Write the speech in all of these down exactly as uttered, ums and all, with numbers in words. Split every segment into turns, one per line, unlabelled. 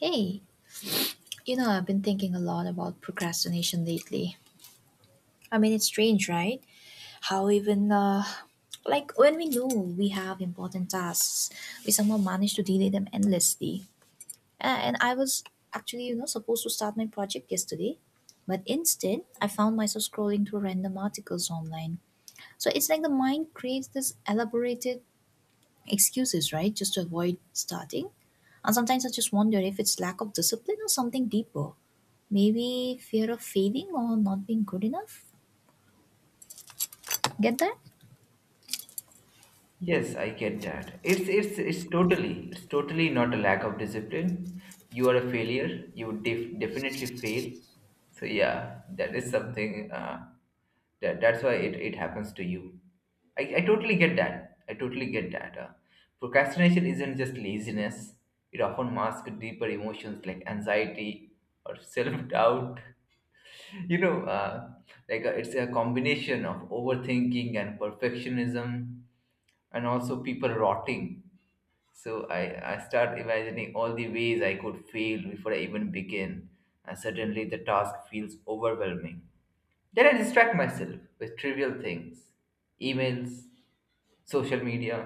Hey, you know, I've been thinking a lot about procrastination lately. I mean, it's strange, right? How even, uh, like, when we know we have important tasks, we somehow manage to delay them endlessly. A- And I was actually, you know, supposed to start my project yesterday, but instead, I found myself scrolling through random articles online. So it's like the mind creates this elaborated excuses, right? Just to avoid starting. And sometimes I just wonder if it's lack of discipline or something deeper. Maybe fear of failing or not being good enough. Get that?
Yes, I get that. It's it's it's totally it's totally not a lack of discipline. You are a failure. You def- definitely fail. So yeah, that is something. Uh, that that's why it, it happens to you. I, I totally get that. I totally get that. Uh, procrastination isn't just laziness. It often masks deeper emotions like anxiety or self doubt you know uh, like uh, it's a combination of overthinking and perfectionism, and also people rotting. So i i start imagining all the ways I could fail before I even begin, and suddenly the task feels overwhelming. Then I distract myself with trivial things: emails, social media,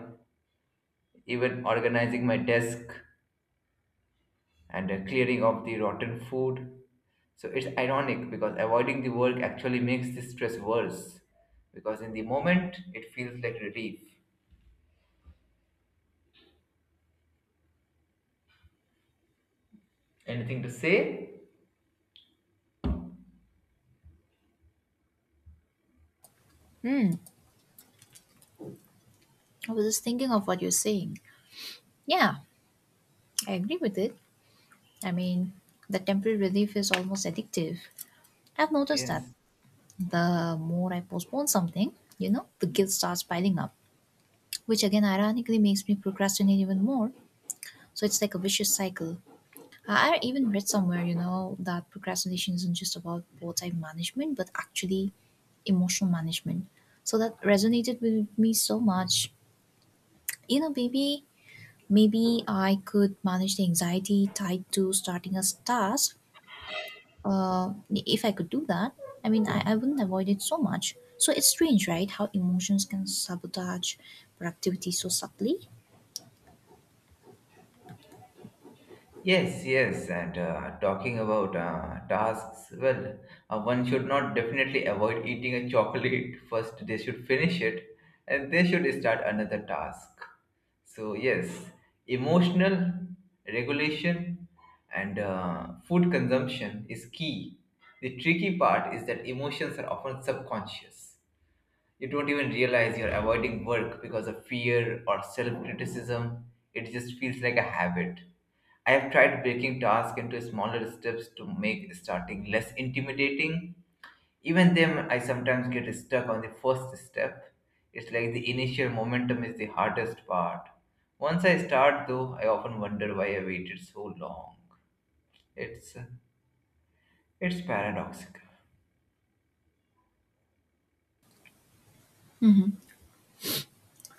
even organizing my desk, and uh, clearing of the rotten food. So it's ironic because avoiding the work actually makes the stress worse, because in the moment it feels like relief. Anything to say?
Hmm. I was just thinking of what you're saying. Yeah, I agree with it. I mean, the temporary relief is almost addictive. I've noticed that
Yes.
the more I postpone something, you know, the guilt starts piling up, which again ironically makes me procrastinate even more. So it's like a vicious cycle. I even read somewhere, you know, that procrastination isn't just about poor time management, but actually emotional management. So that resonated with me so much. You know, maybe maybe I could manage the anxiety tied to starting a task. Uh, if I could do that, I mean, I, I wouldn't avoid it so much. So it's strange, right? How emotions can sabotage productivity so subtly,
Yes, yes, and uh, talking about uh, tasks, well, uh, one should not definitely avoid eating a chocolate first. They should finish it, and they should start another task. So yes, emotional regulation and uh, food consumption is key. The tricky part is that emotions are often subconscious. You don't even realize you're avoiding work because of fear or self criticism. It just feels like a habit. I have tried breaking tasks into smaller steps to make starting less intimidating. Even then, I sometimes get stuck on the first step. It's like the initial momentum is the hardest part. Once I start, though, I often wonder why I waited so long. It's it's paradoxical.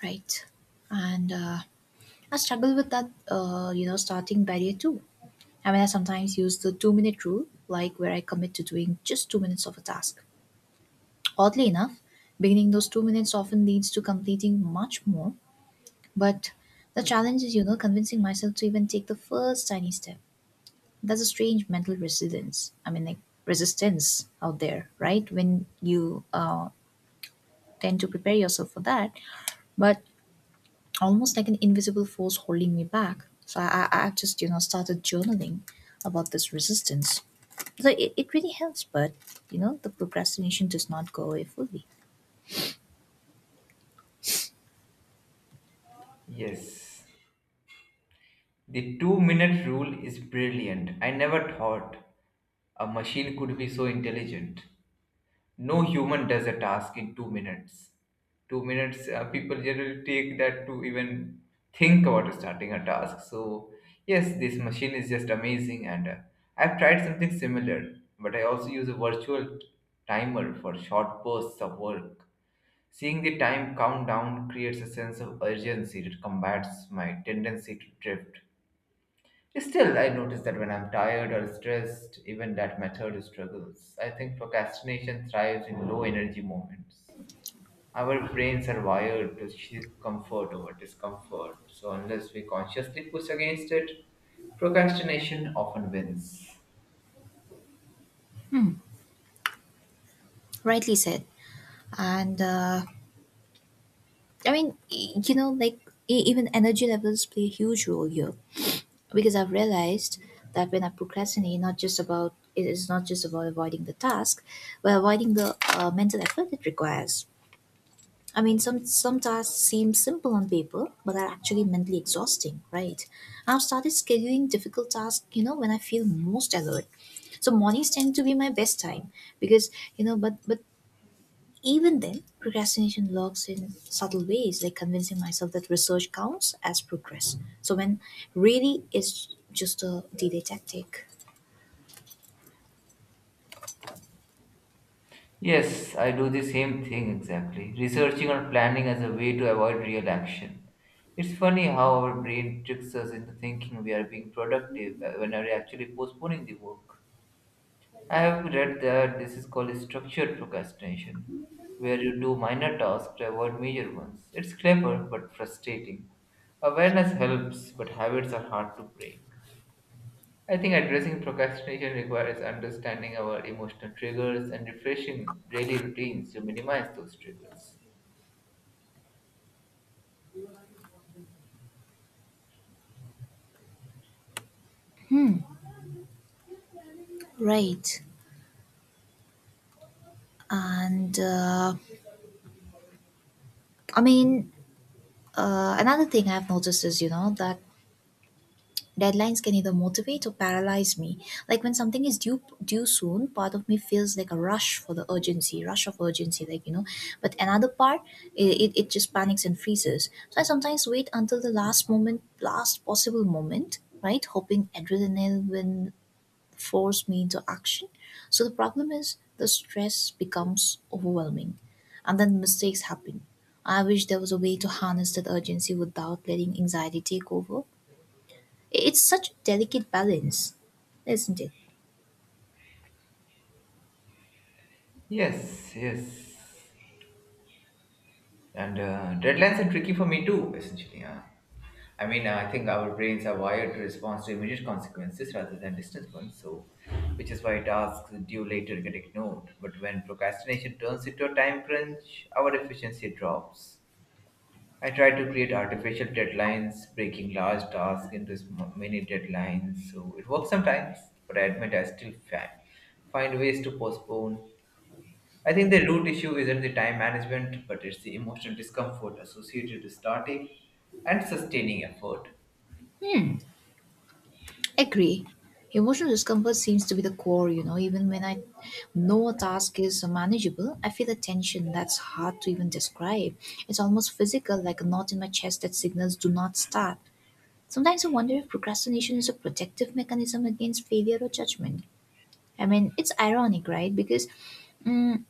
right? And uh, I struggle with that, uh, you know, starting barrier too. I mean, I sometimes use the two minute rule, like where I commit to doing just two minutes of a task. Oddly enough, beginning those two minutes often leads to completing much more, but the challenge is, you know, convincing myself to even take the first tiny step. That's a strange mental resilience. I mean, like resistance out there, right? When you uh, tend to prepare yourself for that, but almost like an invisible force holding me back. So I, I- I've just, you know, started journaling about this resistance. So it, it really helps, but, you know, the procrastination does not go away fully.
Yes. The two minute rule is brilliant. I never thought a machine could be so intelligent. No human does a task in two minutes. Two minutes, uh, people generally take that to even think about starting a task. So, yes, this machine is just amazing. And uh, I've tried something similar, but I also use a virtual timer for short bursts of work. Seeing the time countdown creates a sense of urgency that combats my tendency to drift. Still, I notice that when I'm tired or stressed, even that method struggles. I think procrastination thrives in low energy moments. Our brains are wired to seek comfort over discomfort, so unless we consciously push against it, procrastination often wins.
Rightly said. And uh, I mean, e- you know, like e- even energy levels play a huge role here because I've realized that when I procrastinate, not just about it is not just about avoiding the task, but avoiding the uh, mental effort it requires. I mean, some some tasks seem simple on paper, but are actually mentally exhausting, right? I've started scheduling difficult tasks, you know, when I feel most alert. So mornings tend to be my best time because you know, but but even then, procrastination lurks in subtle ways, like convincing myself that research counts as progress. So when really it's just a delay tactic.
Yes, I do the same thing exactly, researching or planning as a way to avoid real action. It's funny how our brain tricks us into thinking we are being productive uh, when we're actually postponing the work. I have read that this is called structured procrastination, where you do minor tasks to avoid major ones. It's clever but frustrating. Awareness helps, but habits are hard to break. I think addressing procrastination requires understanding our emotional triggers and refreshing daily routines to minimize those triggers.
Right. And uh, I mean, uh, another thing I've noticed is, you know, that deadlines can either motivate or paralyze me. Like when something is due due soon, part of me feels like a rush for the urgency, rush of urgency, like you know. But another part, it, it, it just panics and freezes. So I sometimes wait until the last moment, last possible moment, right? Hoping adrenaline will force me into action. So the problem is the stress becomes overwhelming, and then mistakes happen. I wish there was a way to harness that urgency without letting anxiety take over. It's such a delicate balance, isn't it?
Yes, yes. And uh, deadlines are tricky for me too, essentially. Huh? I mean, I think our brains are wired to respond to immediate consequences rather than distant ones, so which is why tasks due later get ignored. But when procrastination turns into a time crunch, our efficiency drops. I try to create artificial deadlines, breaking large tasks into sm- mini deadlines, so it works sometimes, but I admit I still fa- find ways to postpone. I think the root issue isn't the time management, but it's the emotional discomfort associated with starting and sustaining effort.
Agree. Emotional discomfort seems to be the core, you know. Even when I know a task is manageable, I feel a tension that's hard to even describe. It's almost physical, like a knot in my chest that signals do not start. Sometimes I wonder if procrastination is a protective mechanism against failure or judgment. I mean, it's ironic, right? Because mm,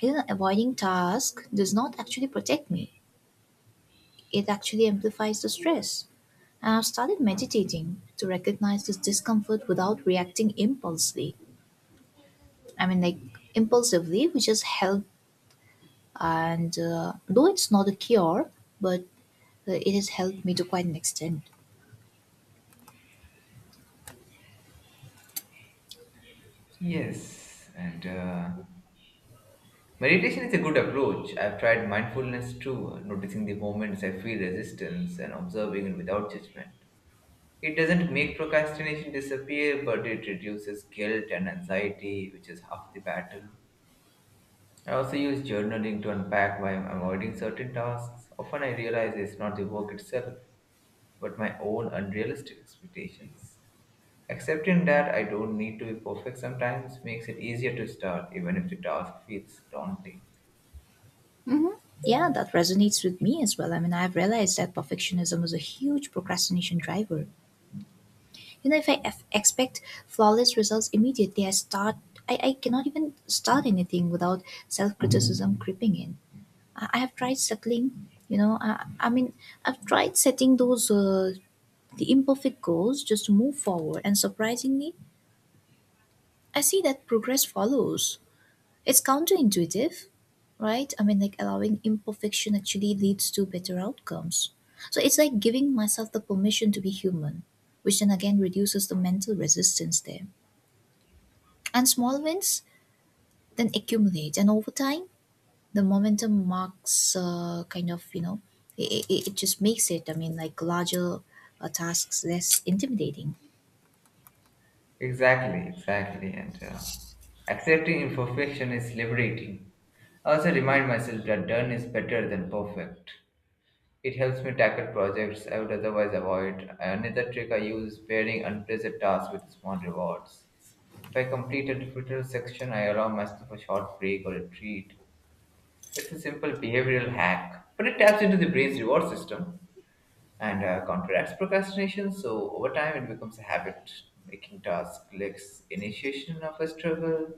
you know, avoiding task does not actually protect me. It actually amplifies the stress. I have started meditating to recognize this discomfort without reacting impulsively. I mean, like impulsively, which has helped. And uh, Though it's not a cure, but uh, it has helped me to quite an extent.
Yes, and uh, meditation is a good approach. I've tried mindfulness too, noticing the moments I feel resistance and observing it without judgment. It doesn't make procrastination disappear, but it reduces guilt and anxiety, which is half the battle. I also use journaling to unpack why I'm avoiding certain tasks. Often I realize it's not the work itself, but my own unrealistic expectations. Accepting that I don't need to be perfect sometimes makes it easier to start, even if the task feels daunting.
Hmm. Yeah, that resonates with me as well. I mean, I've realized that perfectionism is a huge procrastination driver. You know, if I f- expect flawless results immediately, I start. I, I cannot even start anything without self criticism creeping in. I I have tried circling, you know, I, I mean, I've tried setting those, uh, the imperfect goals just to move forward. And surprisingly, I see that progress follows. It's counterintuitive, right? I mean, like allowing imperfection actually leads to better outcomes. So it's like giving myself the permission to be human, which then again reduces the mental resistance there. And small wins then accumulate. And over time, the momentum marks uh, kind of you know it, it it just makes it I mean like larger uh, tasks less intimidating.
Exactly, exactly. And uh, accepting imperfection is liberating. I also remind myself that done is better than perfect. It helps me tackle projects I would otherwise avoid. Another trick I use is pairing unpleasant tasks with small rewards. If I complete a difficult section, I allow myself a short break or a treat. It's a simple behavioral hack, but it taps into the brain's reward system, and uh, counteracts procrastination. So over time, it becomes a habit, making task less initiation of a struggle.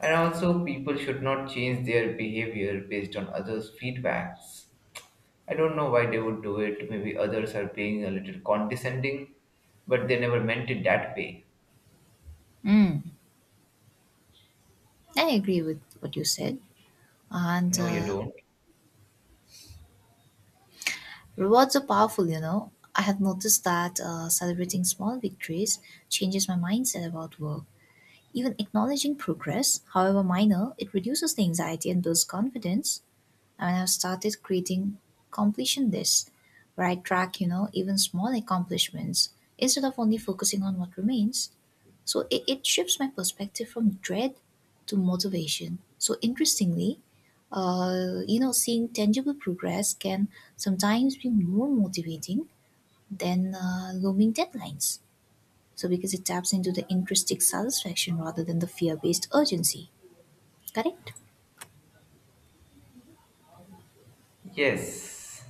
And also, people should not change their behavior based on others' feedbacks. I don't know why they would do it. Maybe others are being a little condescending, but they never meant it that way.
mm, I agree with what you said. And
No,
uh,
you don't.
Rewards are powerful, you know. I have noticed that uh, celebrating small victories changes my mindset about work. Even acknowledging progress, however minor, it reduces the anxiety and builds confidence. And I've started creating completion lists where I track, you know, even small accomplishments instead of only focusing on what remains. So it, it shifts my perspective from dread to motivation. So interestingly, uh, you know, seeing tangible progress can sometimes be more motivating than uh, looming deadlines. So because it taps into the intrinsic satisfaction rather than the fear-based urgency. Correct?
Yes,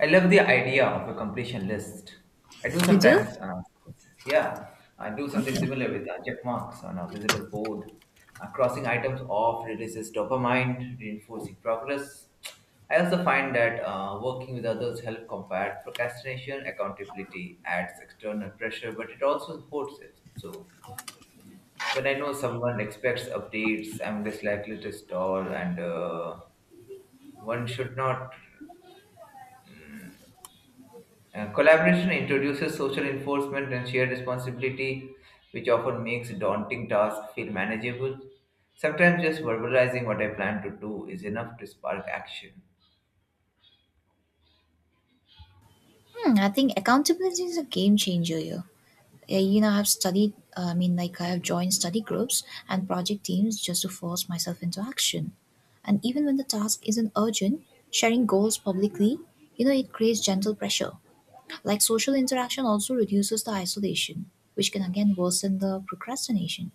I love the idea of a completion list. I do
You do?
sometimes, uh, yeah, I do something
Okay.
similar with uh, check marks on a visible board. Uh, crossing items off releases dopamine, reinforcing progress. I also find that uh, working with others help combat procrastination. Accountability adds external pressure, but it also supports it. So when I know someone expects updates, I'm less likely to stall, and uh, one should not Uh, collaboration introduces social enforcement and shared responsibility, which often makes daunting tasks feel manageable. Sometimes just verbalizing what I plan to do is enough to spark action.
Hmm, I think accountability is a game changer here. Uh, You know, I've studied, uh, I mean, like I have joined study groups and project teams just to force myself into action. And even when the task isn't urgent, sharing goals publicly, you know, it creates gentle pressure. Like social interaction also reduces the isolation, which can again worsen the procrastination.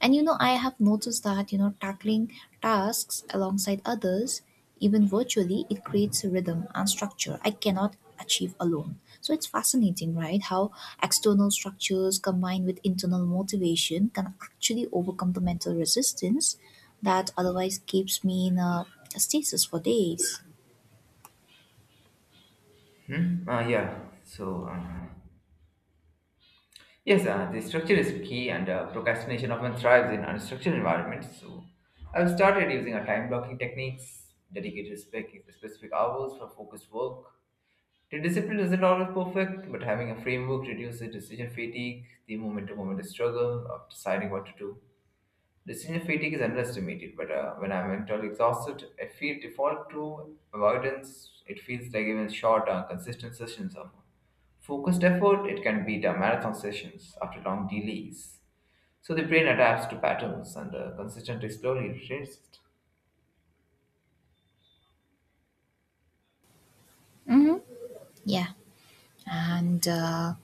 And you know, I have noticed that, you know, tackling tasks alongside others, even virtually, it creates a rhythm and structure I cannot achieve alone. So it's fascinating, right? How external structures combined with internal motivation can actually overcome the mental resistance that otherwise keeps me in a stasis for days.
Hmm? Uh, yeah, so uh, yes, uh, the structure is key, and uh, procrastination often thrives in unstructured environments. So I've started using a time blocking techniques, dedicated spec- specific hours for focused work. The discipline isn't always perfect, but having a framework reduces decision fatigue, the moment to moment struggle of deciding what to do. Decision fatigue is underestimated, but uh, when I'm mentally exhausted, I feel default to avoidance. It feels like even short, uh, consistent sessions of focused effort, it can beat our marathon sessions after long delays. So the brain adapts to patterns, and uh, consistent is slowly retrains it.
Hmm. Yeah. And uh,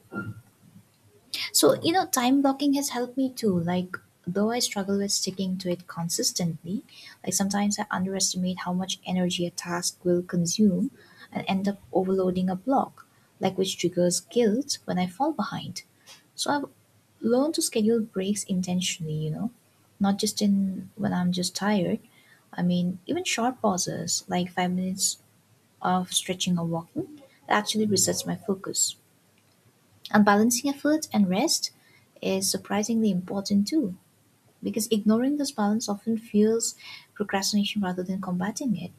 So, you know, time blocking has helped me too. Like, though I struggle with sticking to it consistently, like sometimes I underestimate how much energy a task will consume and end up overloading a block, like which triggers guilt when I fall behind. So, I've learned to schedule breaks intentionally, you know, not just in when I'm just tired. I mean, even short pauses, like five minutes of stretching or walking, that actually resets my focus. And balancing effort and rest is surprisingly important too, because ignoring this balance often fuels procrastination rather than combating it.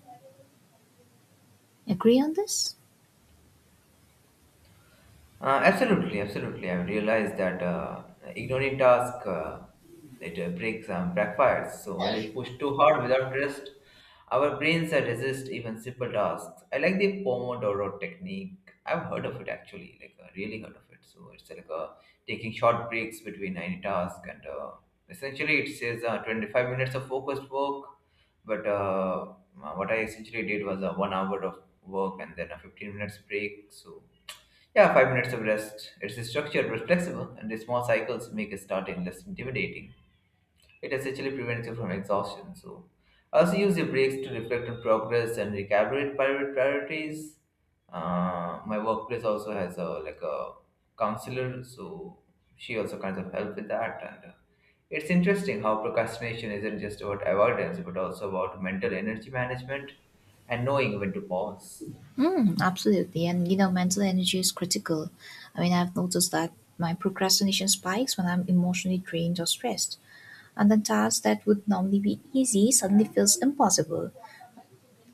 Agree on this?
Uh, absolutely, absolutely. I've realized that uh, ignoring task uh, it uh, breaks um, backfires. So when we push too hard without rest, our brains uh, resist even simple tasks. I like the Pomodoro technique. I've heard of it actually, like uh, really heard of it. So it's like uh, taking short breaks between any task, and uh, essentially it says uh, twenty-five minutes of focused work. But uh, what I essentially did was uh, one hour of work and then a fifteen minutes break. So yeah, five minutes of rest. It's structured but flexible, and the small cycles make starting less intimidating. It essentially prevents you from exhaustion. So, I also use the breaks to reflect on progress and recalibrate prior- priorities. Uh, my workplace also has a like a counselor, so she also kind of help with that. And uh, it's interesting how procrastination isn't just about avoidance, but also about mental energy management and knowing when to pause.
Mm, absolutely. And you know, mental energy is critical. I mean, I've noticed that my procrastination spikes when I'm emotionally drained or stressed. And then tasks that would normally be easy suddenly feels impossible.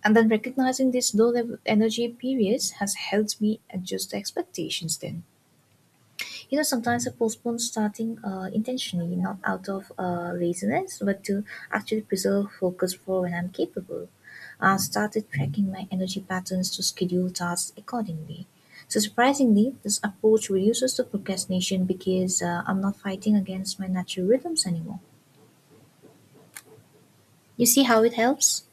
And then recognizing these low level energy periods has helped me adjust the expectations then. You know, sometimes I postpone starting uh, intentionally, not out of uh, laziness, but to actually preserve focus for when I'm capable. I started tracking my energy patterns to schedule tasks accordingly. So, surprisingly, this approach reduces the procrastination because uh, I'm not fighting against my natural rhythms anymore. You see how it helps?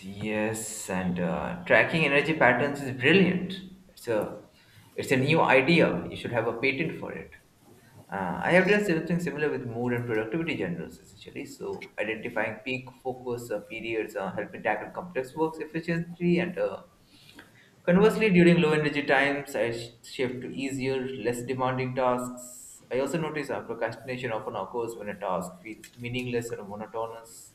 Yes, and uh, tracking energy patterns is brilliant. It's a it's a new idea. You should have a patent for it. Uh, I have done something similar with mood and productivity journals, essentially. So, identifying peak focus uh, periods, uh, helping tackle complex works efficiently, and uh, conversely, during low energy times, I sh- shift to easier, less demanding tasks. I also notice uh, procrastination often occurs when a task feels meaningless or monotonous.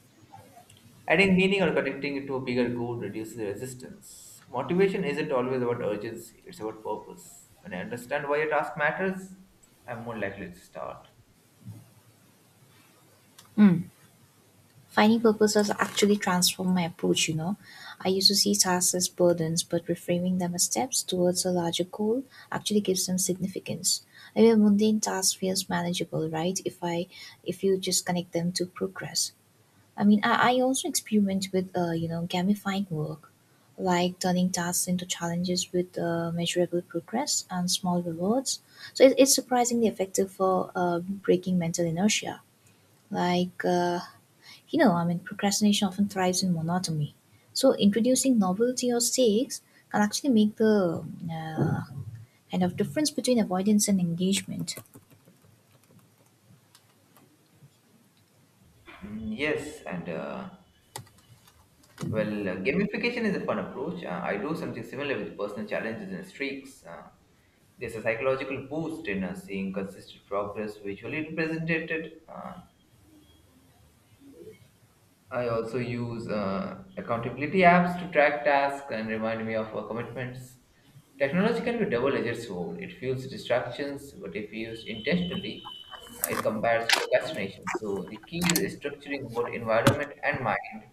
Adding meaning or connecting it to a bigger goal reduces resistance. Motivation isn't always about urgency, it's about purpose. When I understand why a task matters, I'm more likely to start.
Hmm. Finding purpose has actually transformed my approach, you know. I used to see tasks as burdens, but reframing them as steps towards a larger goal actually gives them significance. I mean, mundane tasks feels manageable, right? If I, if you just connect them to progress. I mean, I, I also experiment with, uh, you know, gamifying work, like turning tasks into challenges with uh, measurable progress and small rewards. So it, it's surprisingly effective for uh, breaking mental inertia. Like uh, you know, I mean, procrastination often thrives in monotony. So, introducing novelty or stakes can actually make the uh, kind of difference between avoidance and engagement.
Mm, yes, and uh, well, uh, gamification is a fun approach. Uh, I do something similar with personal challenges and streaks. Uh, there's a psychological boost in uh, seeing consistent progress visually represented. Uh, I also use uh, accountability apps to track tasks and remind me of our commitments. Technology can be a double-edged sword. It fuels distractions, but if used intentionally, uh, it combats procrastination. So the key is structuring both environment and mind.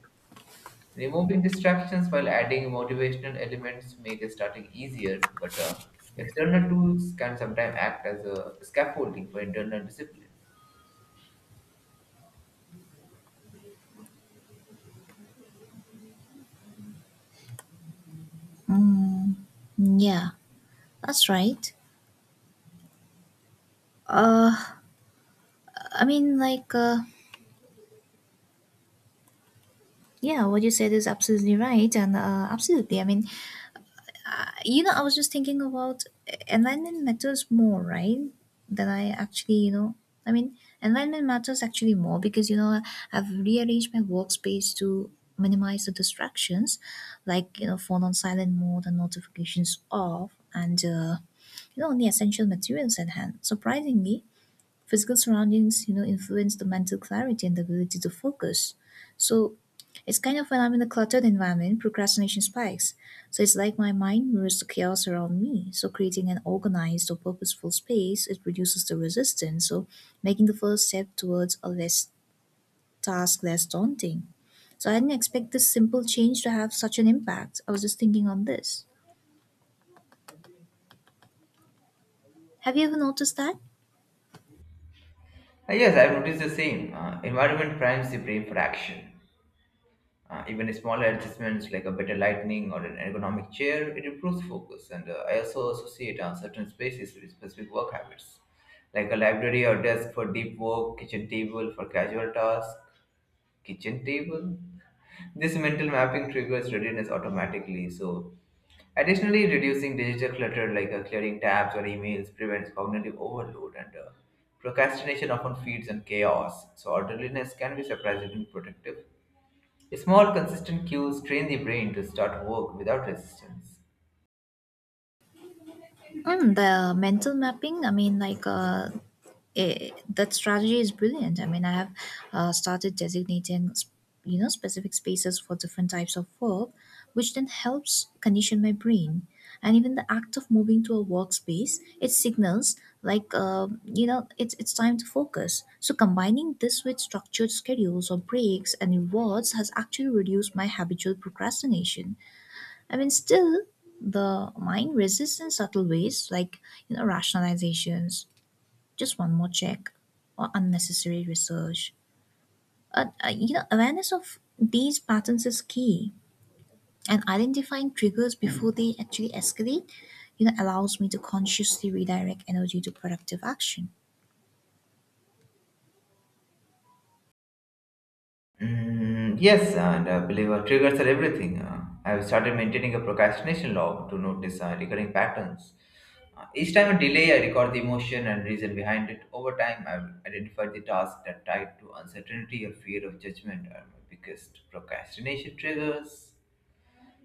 Removing distractions while adding motivational elements make starting easier, but uh, external tools can sometimes act as a scaffolding for internal discipline.
Mm, yeah, that's right. Uh, I mean, like, uh, yeah, what you said is absolutely right, and uh, absolutely. I mean, You know, I was just thinking about environment matters more, right? Than I actually, you know, I mean, Environment matters actually more because, you know, I've rearranged my workspace to minimize the distractions, like, you know, phone on silent mode and notifications off, and, uh, you know, only essential materials at hand. Surprisingly, physical surroundings, you know, influence the mental clarity and the ability to focus. So, it's kind of when I'm in a cluttered environment, procrastination spikes. So it's like my mind mirrors the chaos around me. So creating an organized or purposeful space, it reduces the resistance. So making the first step towards a less task less daunting. So I didn't expect this simple change to have such an impact. I was just thinking on this. Have you ever noticed that?
Uh, yes, I've noticed the same. Uh, environment primes the brain for action. Uh, even smaller adjustments like a better lighting or an ergonomic chair, it improves focus. And uh, I also associate uh, certain spaces with specific work habits, like a library or desk for deep work, kitchen table for casual tasks, kitchen table. This mental mapping triggers readiness automatically. So, additionally, reducing digital clutter like uh, clearing tabs or emails prevents cognitive overload, and uh, procrastination often feeds on chaos. So, orderliness can be surprisingly productive. Small, consistent cues train the brain to start work without resistance.
Um, the mental mapping, I mean, like, uh, eh, that strategy is brilliant. I mean, I have uh, started designating, s- you know, specific spaces for different types of work, which then helps condition my brain. And even the act of moving to a workspace, it signals like, uh, you know, it's it's time to focus. So combining this with structured schedules or breaks and rewards has actually reduced my habitual procrastination. I mean, still, the mind resists in subtle ways, like you know, rationalizations, just one more check, or unnecessary research. Uh, uh, you know, awareness of these patterns is key, and identifying triggers before they actually escalate, you know, allows me to consciously redirect energy to productive action.
Mm, yes, and I believe uh, triggers are everything. Uh, I've started maintaining a procrastination log to notice uh, recurring patterns. Uh, each time I delay, I record the emotion and reason behind it. Over time, I've identified the tasks that tied to uncertainty or fear of judgment are my biggest procrastination triggers.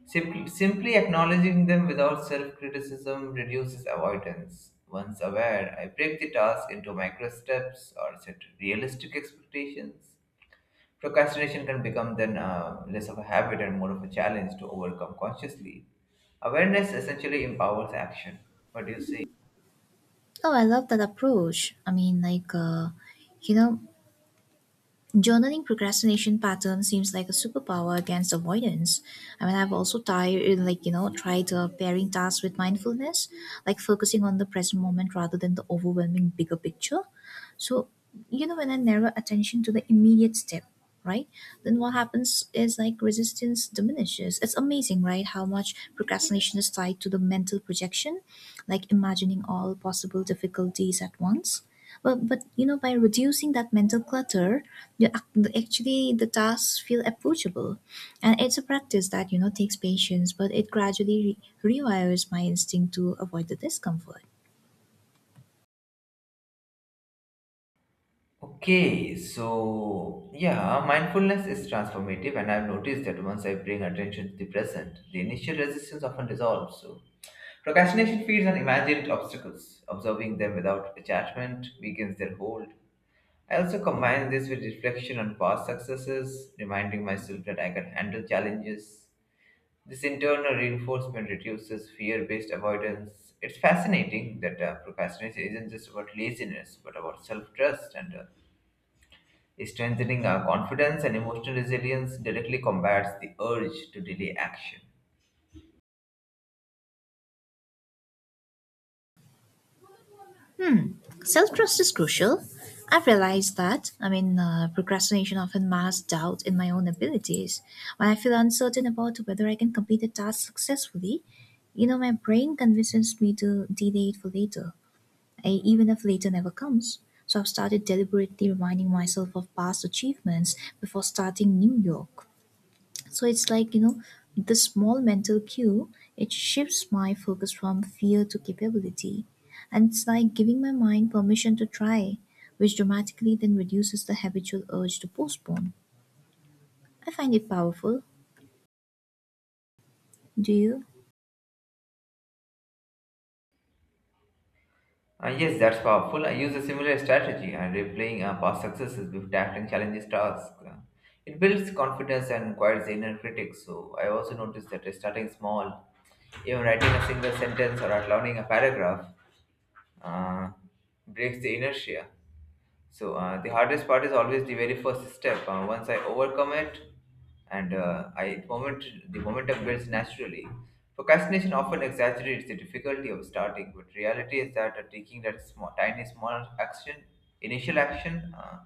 Simply, simply acknowledging them without self criticism reduces avoidance. Once aware, I break the task into micro steps or set realistic expectations. Procrastination can become then uh, less of a habit and more of a challenge to overcome consciously. Awareness essentially empowers action. What do you say?
Oh, I love that approach. I mean, like, uh, you know, journaling procrastination pattern seems like a superpower against avoidance. I mean, I've also tried, like you know, tried uh, pairing tasks with mindfulness, like focusing on the present moment rather than the overwhelming bigger picture. So, you know, when I narrow attention to the immediate step, right, then what happens is like resistance diminishes. It's amazing, right, how much procrastination is tied to the mental projection, like imagining all possible difficulties at once. But, but you know, by reducing that mental clutter, yeah, ac- the- actually, the tasks feel approachable, and it's a practice that you know takes patience, but it gradually re- rewires my instinct to avoid the discomfort.
Okay, so yeah, mindfulness is transformative, and I've noticed that once I bring attention to the present, the initial resistance often dissolves. So, procrastination feeds on imagined obstacles. Observing them without attachment weakens their hold. I also combine this with reflection on past successes, reminding myself that I can handle challenges. This internal reinforcement reduces fear based avoidance. It's fascinating that uh, procrastination isn't just about laziness, but about self trust and uh, strengthening our confidence and emotional resilience directly combats the urge to delay action.
Hmm, self trust is crucial. I've realized that. I mean, uh, procrastination often masks doubt in my own abilities. When I feel uncertain about whether I can complete a task successfully, you know, my brain convinces me to delay it for later. E- even if later never comes. So I've started deliberately reminding myself of past achievements before starting New York. So it's like, you know, this small mental cue, it shifts my focus from fear to capability. And it's like giving my mind permission to try, which dramatically then reduces the habitual urge to postpone. I find it powerful. Do you?
Uh, yes, that's powerful. I use a similar strategy, uh, replaying uh, past successes before tackling challenges tasks. Uh, it builds confidence and quiets the inner critic. So I also noticed that uh, starting small, even writing a single sentence or outlining a paragraph, uh, breaks the inertia. So uh, the hardest part is always the very first step. Uh, once I overcome it, and uh, I moment the momentum builds naturally. Procrastination often exaggerates the difficulty of starting, but reality is that uh, taking that small, tiny, small action, initial action, uh,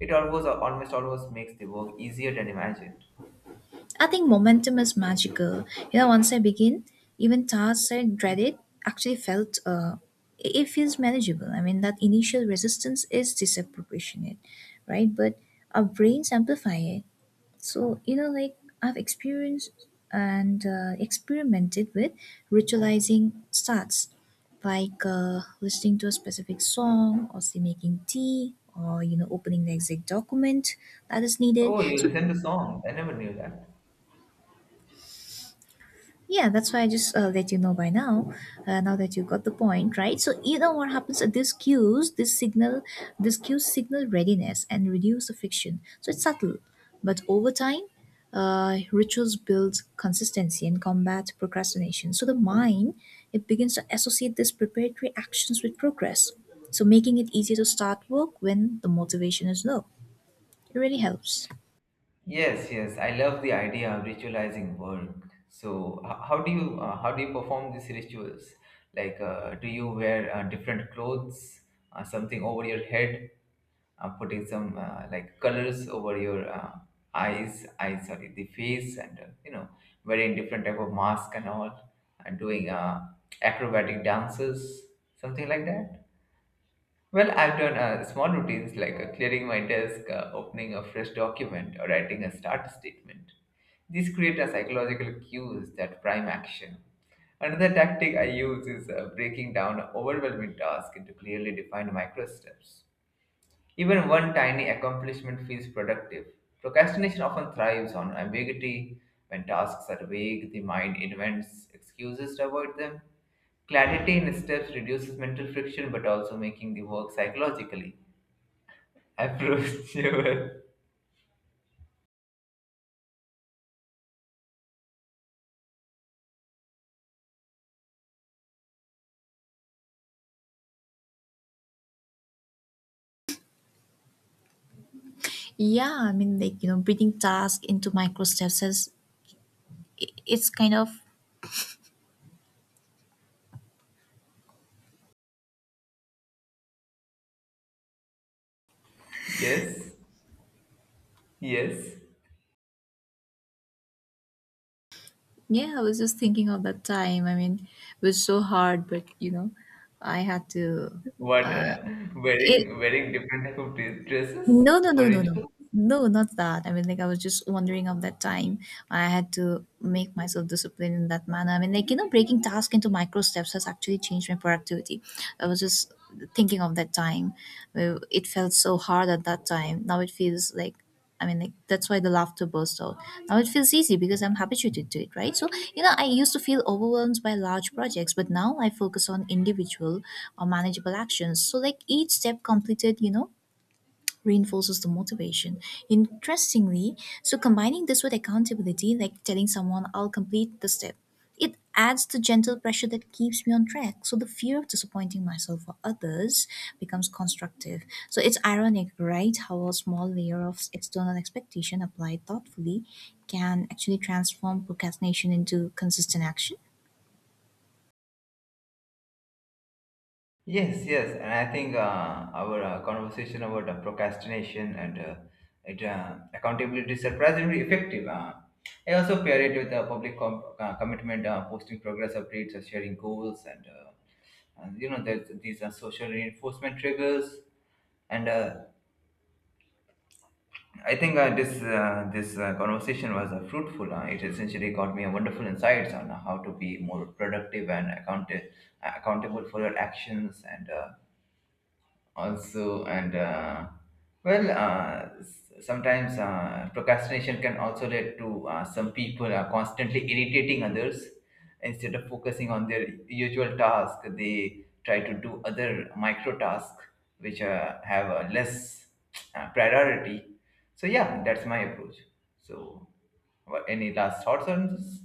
it almost almost almost makes the work easier than imagined.
I think momentum is magical. You know, once I begin, even tasks I dreaded actually felt uh, it it feels manageable. I mean, that initial resistance is disproportionate, right? But our brains amplify it. So you know, like I've experienced and uh, experimented with ritualizing starts, like uh, listening to a specific song, or say making tea, or you know, opening the exact document that is needed.
Oh, you
So
listen to song. I never knew that.
yeah, that's why I just uh, let you know by now. Uh, now that you got the point, right? So you know what happens at this cues, this signal, this cues signal readiness and reduce the friction. So it's subtle, but over time, uh, rituals build consistency and combat procrastination. So the mind it begins to associate these preparatory actions with progress. So making it easier to start work when the motivation is low. It really helps.
Yes, yes, I love the idea of ritualizing work. So, h- how do you uh, how do you perform these rituals? Like, uh, do you wear uh, different clothes, uh, something over your head, uh, putting some uh, like colors over your uh, eyes, eyes, sorry, the face, and uh, you know, wearing different type of mask and all, and doing uh, acrobatic dances, something like that? Well, I've done uh, small routines like uh, clearing my desk, uh, opening a fresh document, or writing a start statement. These create a psychological cues that prime action. Another tactic I use is uh, breaking down overwhelming tasks into clearly defined micro steps. Even one tiny accomplishment feels productive. Procrastination often thrives on ambiguity. When tasks are vague, the mind invents excuses to avoid them. Clarity in steps reduces mental friction but also making the work psychologically approachable.
Yeah, I mean, like you know, breathing task into micro steps has i- it's kind of
Yes, yes.
yeah, I was just thinking of that time. I mean, it was so hard, but you know, I had to.
What
Uh,
uh,
it
wearing wearing different type of dre- dresses
no, no,
for
no, no, no.
rituals?
No, not that. I mean, like, I was just wondering of that time. I had to make myself disciplined in that manner. I mean, like, you know, breaking tasks into micro steps has actually changed my productivity. I was just thinking of that time. Uh, It felt so hard at that time. Now it feels like, I mean, like, that's why the laughter burst out. Now it feels easy because I'm habituated to it, right? So, you know, I used to feel overwhelmed by large projects, but now I focus on individual or manageable actions. So, like, each step completed, you know, reinforces the motivation. Interestingly, so combining this with accountability, like telling someone I'll complete the step, it adds the gentle pressure that keeps me on track. So the fear of disappointing myself or others becomes constructive. So it's ironic, right? How a small layer of external expectation applied thoughtfully can actually transform procrastination into consistent action.
Yes, yes, and I think uh, our uh, conversation about uh, procrastination and uh, it, uh, accountability is surprisingly effective. Uh, I also pair it with uh, public com- uh, commitment, uh, posting progress updates, uh, sharing goals, and, uh, and you know there's, these are social reinforcement triggers. And uh, I think uh, this uh, this uh, conversation was uh, fruitful. Uh, it essentially got me a wonderful insights on how to be more productive and account- accountable for your actions and. Uh, also and uh, well uh, s- sometimes uh, procrastination can also lead to uh, some people are constantly irritating others instead of focusing on their usual task, they try to do other micro tasks which uh, have a less uh, priority. So yeah, that's my approach. So what, any last thoughts on this?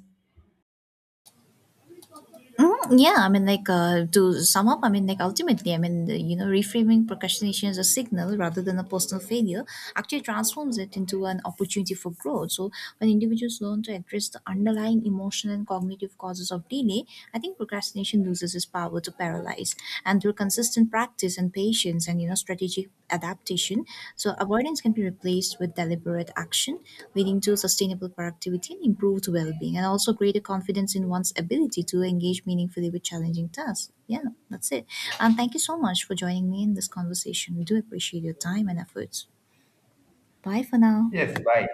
Mhm, yeah, I mean, like uh, to sum up, I mean, like ultimately, I mean, the, you know, reframing procrastination as a signal rather than a personal failure actually transforms it into an opportunity for growth. So, when individuals learn to address the underlying emotional and cognitive causes of delay, I think procrastination loses its power to paralyze. And through consistent practice and patience and you know strategic adaptation, so avoidance can be replaced with deliberate action, leading to sustainable productivity and improved well-being, and also greater confidence in one's ability to engage meaningfully with challenging tasks. Yeah, that's it. And thank you so much for joining me in this conversation. We do appreciate your time and efforts. Bye for now.
Yes, bye.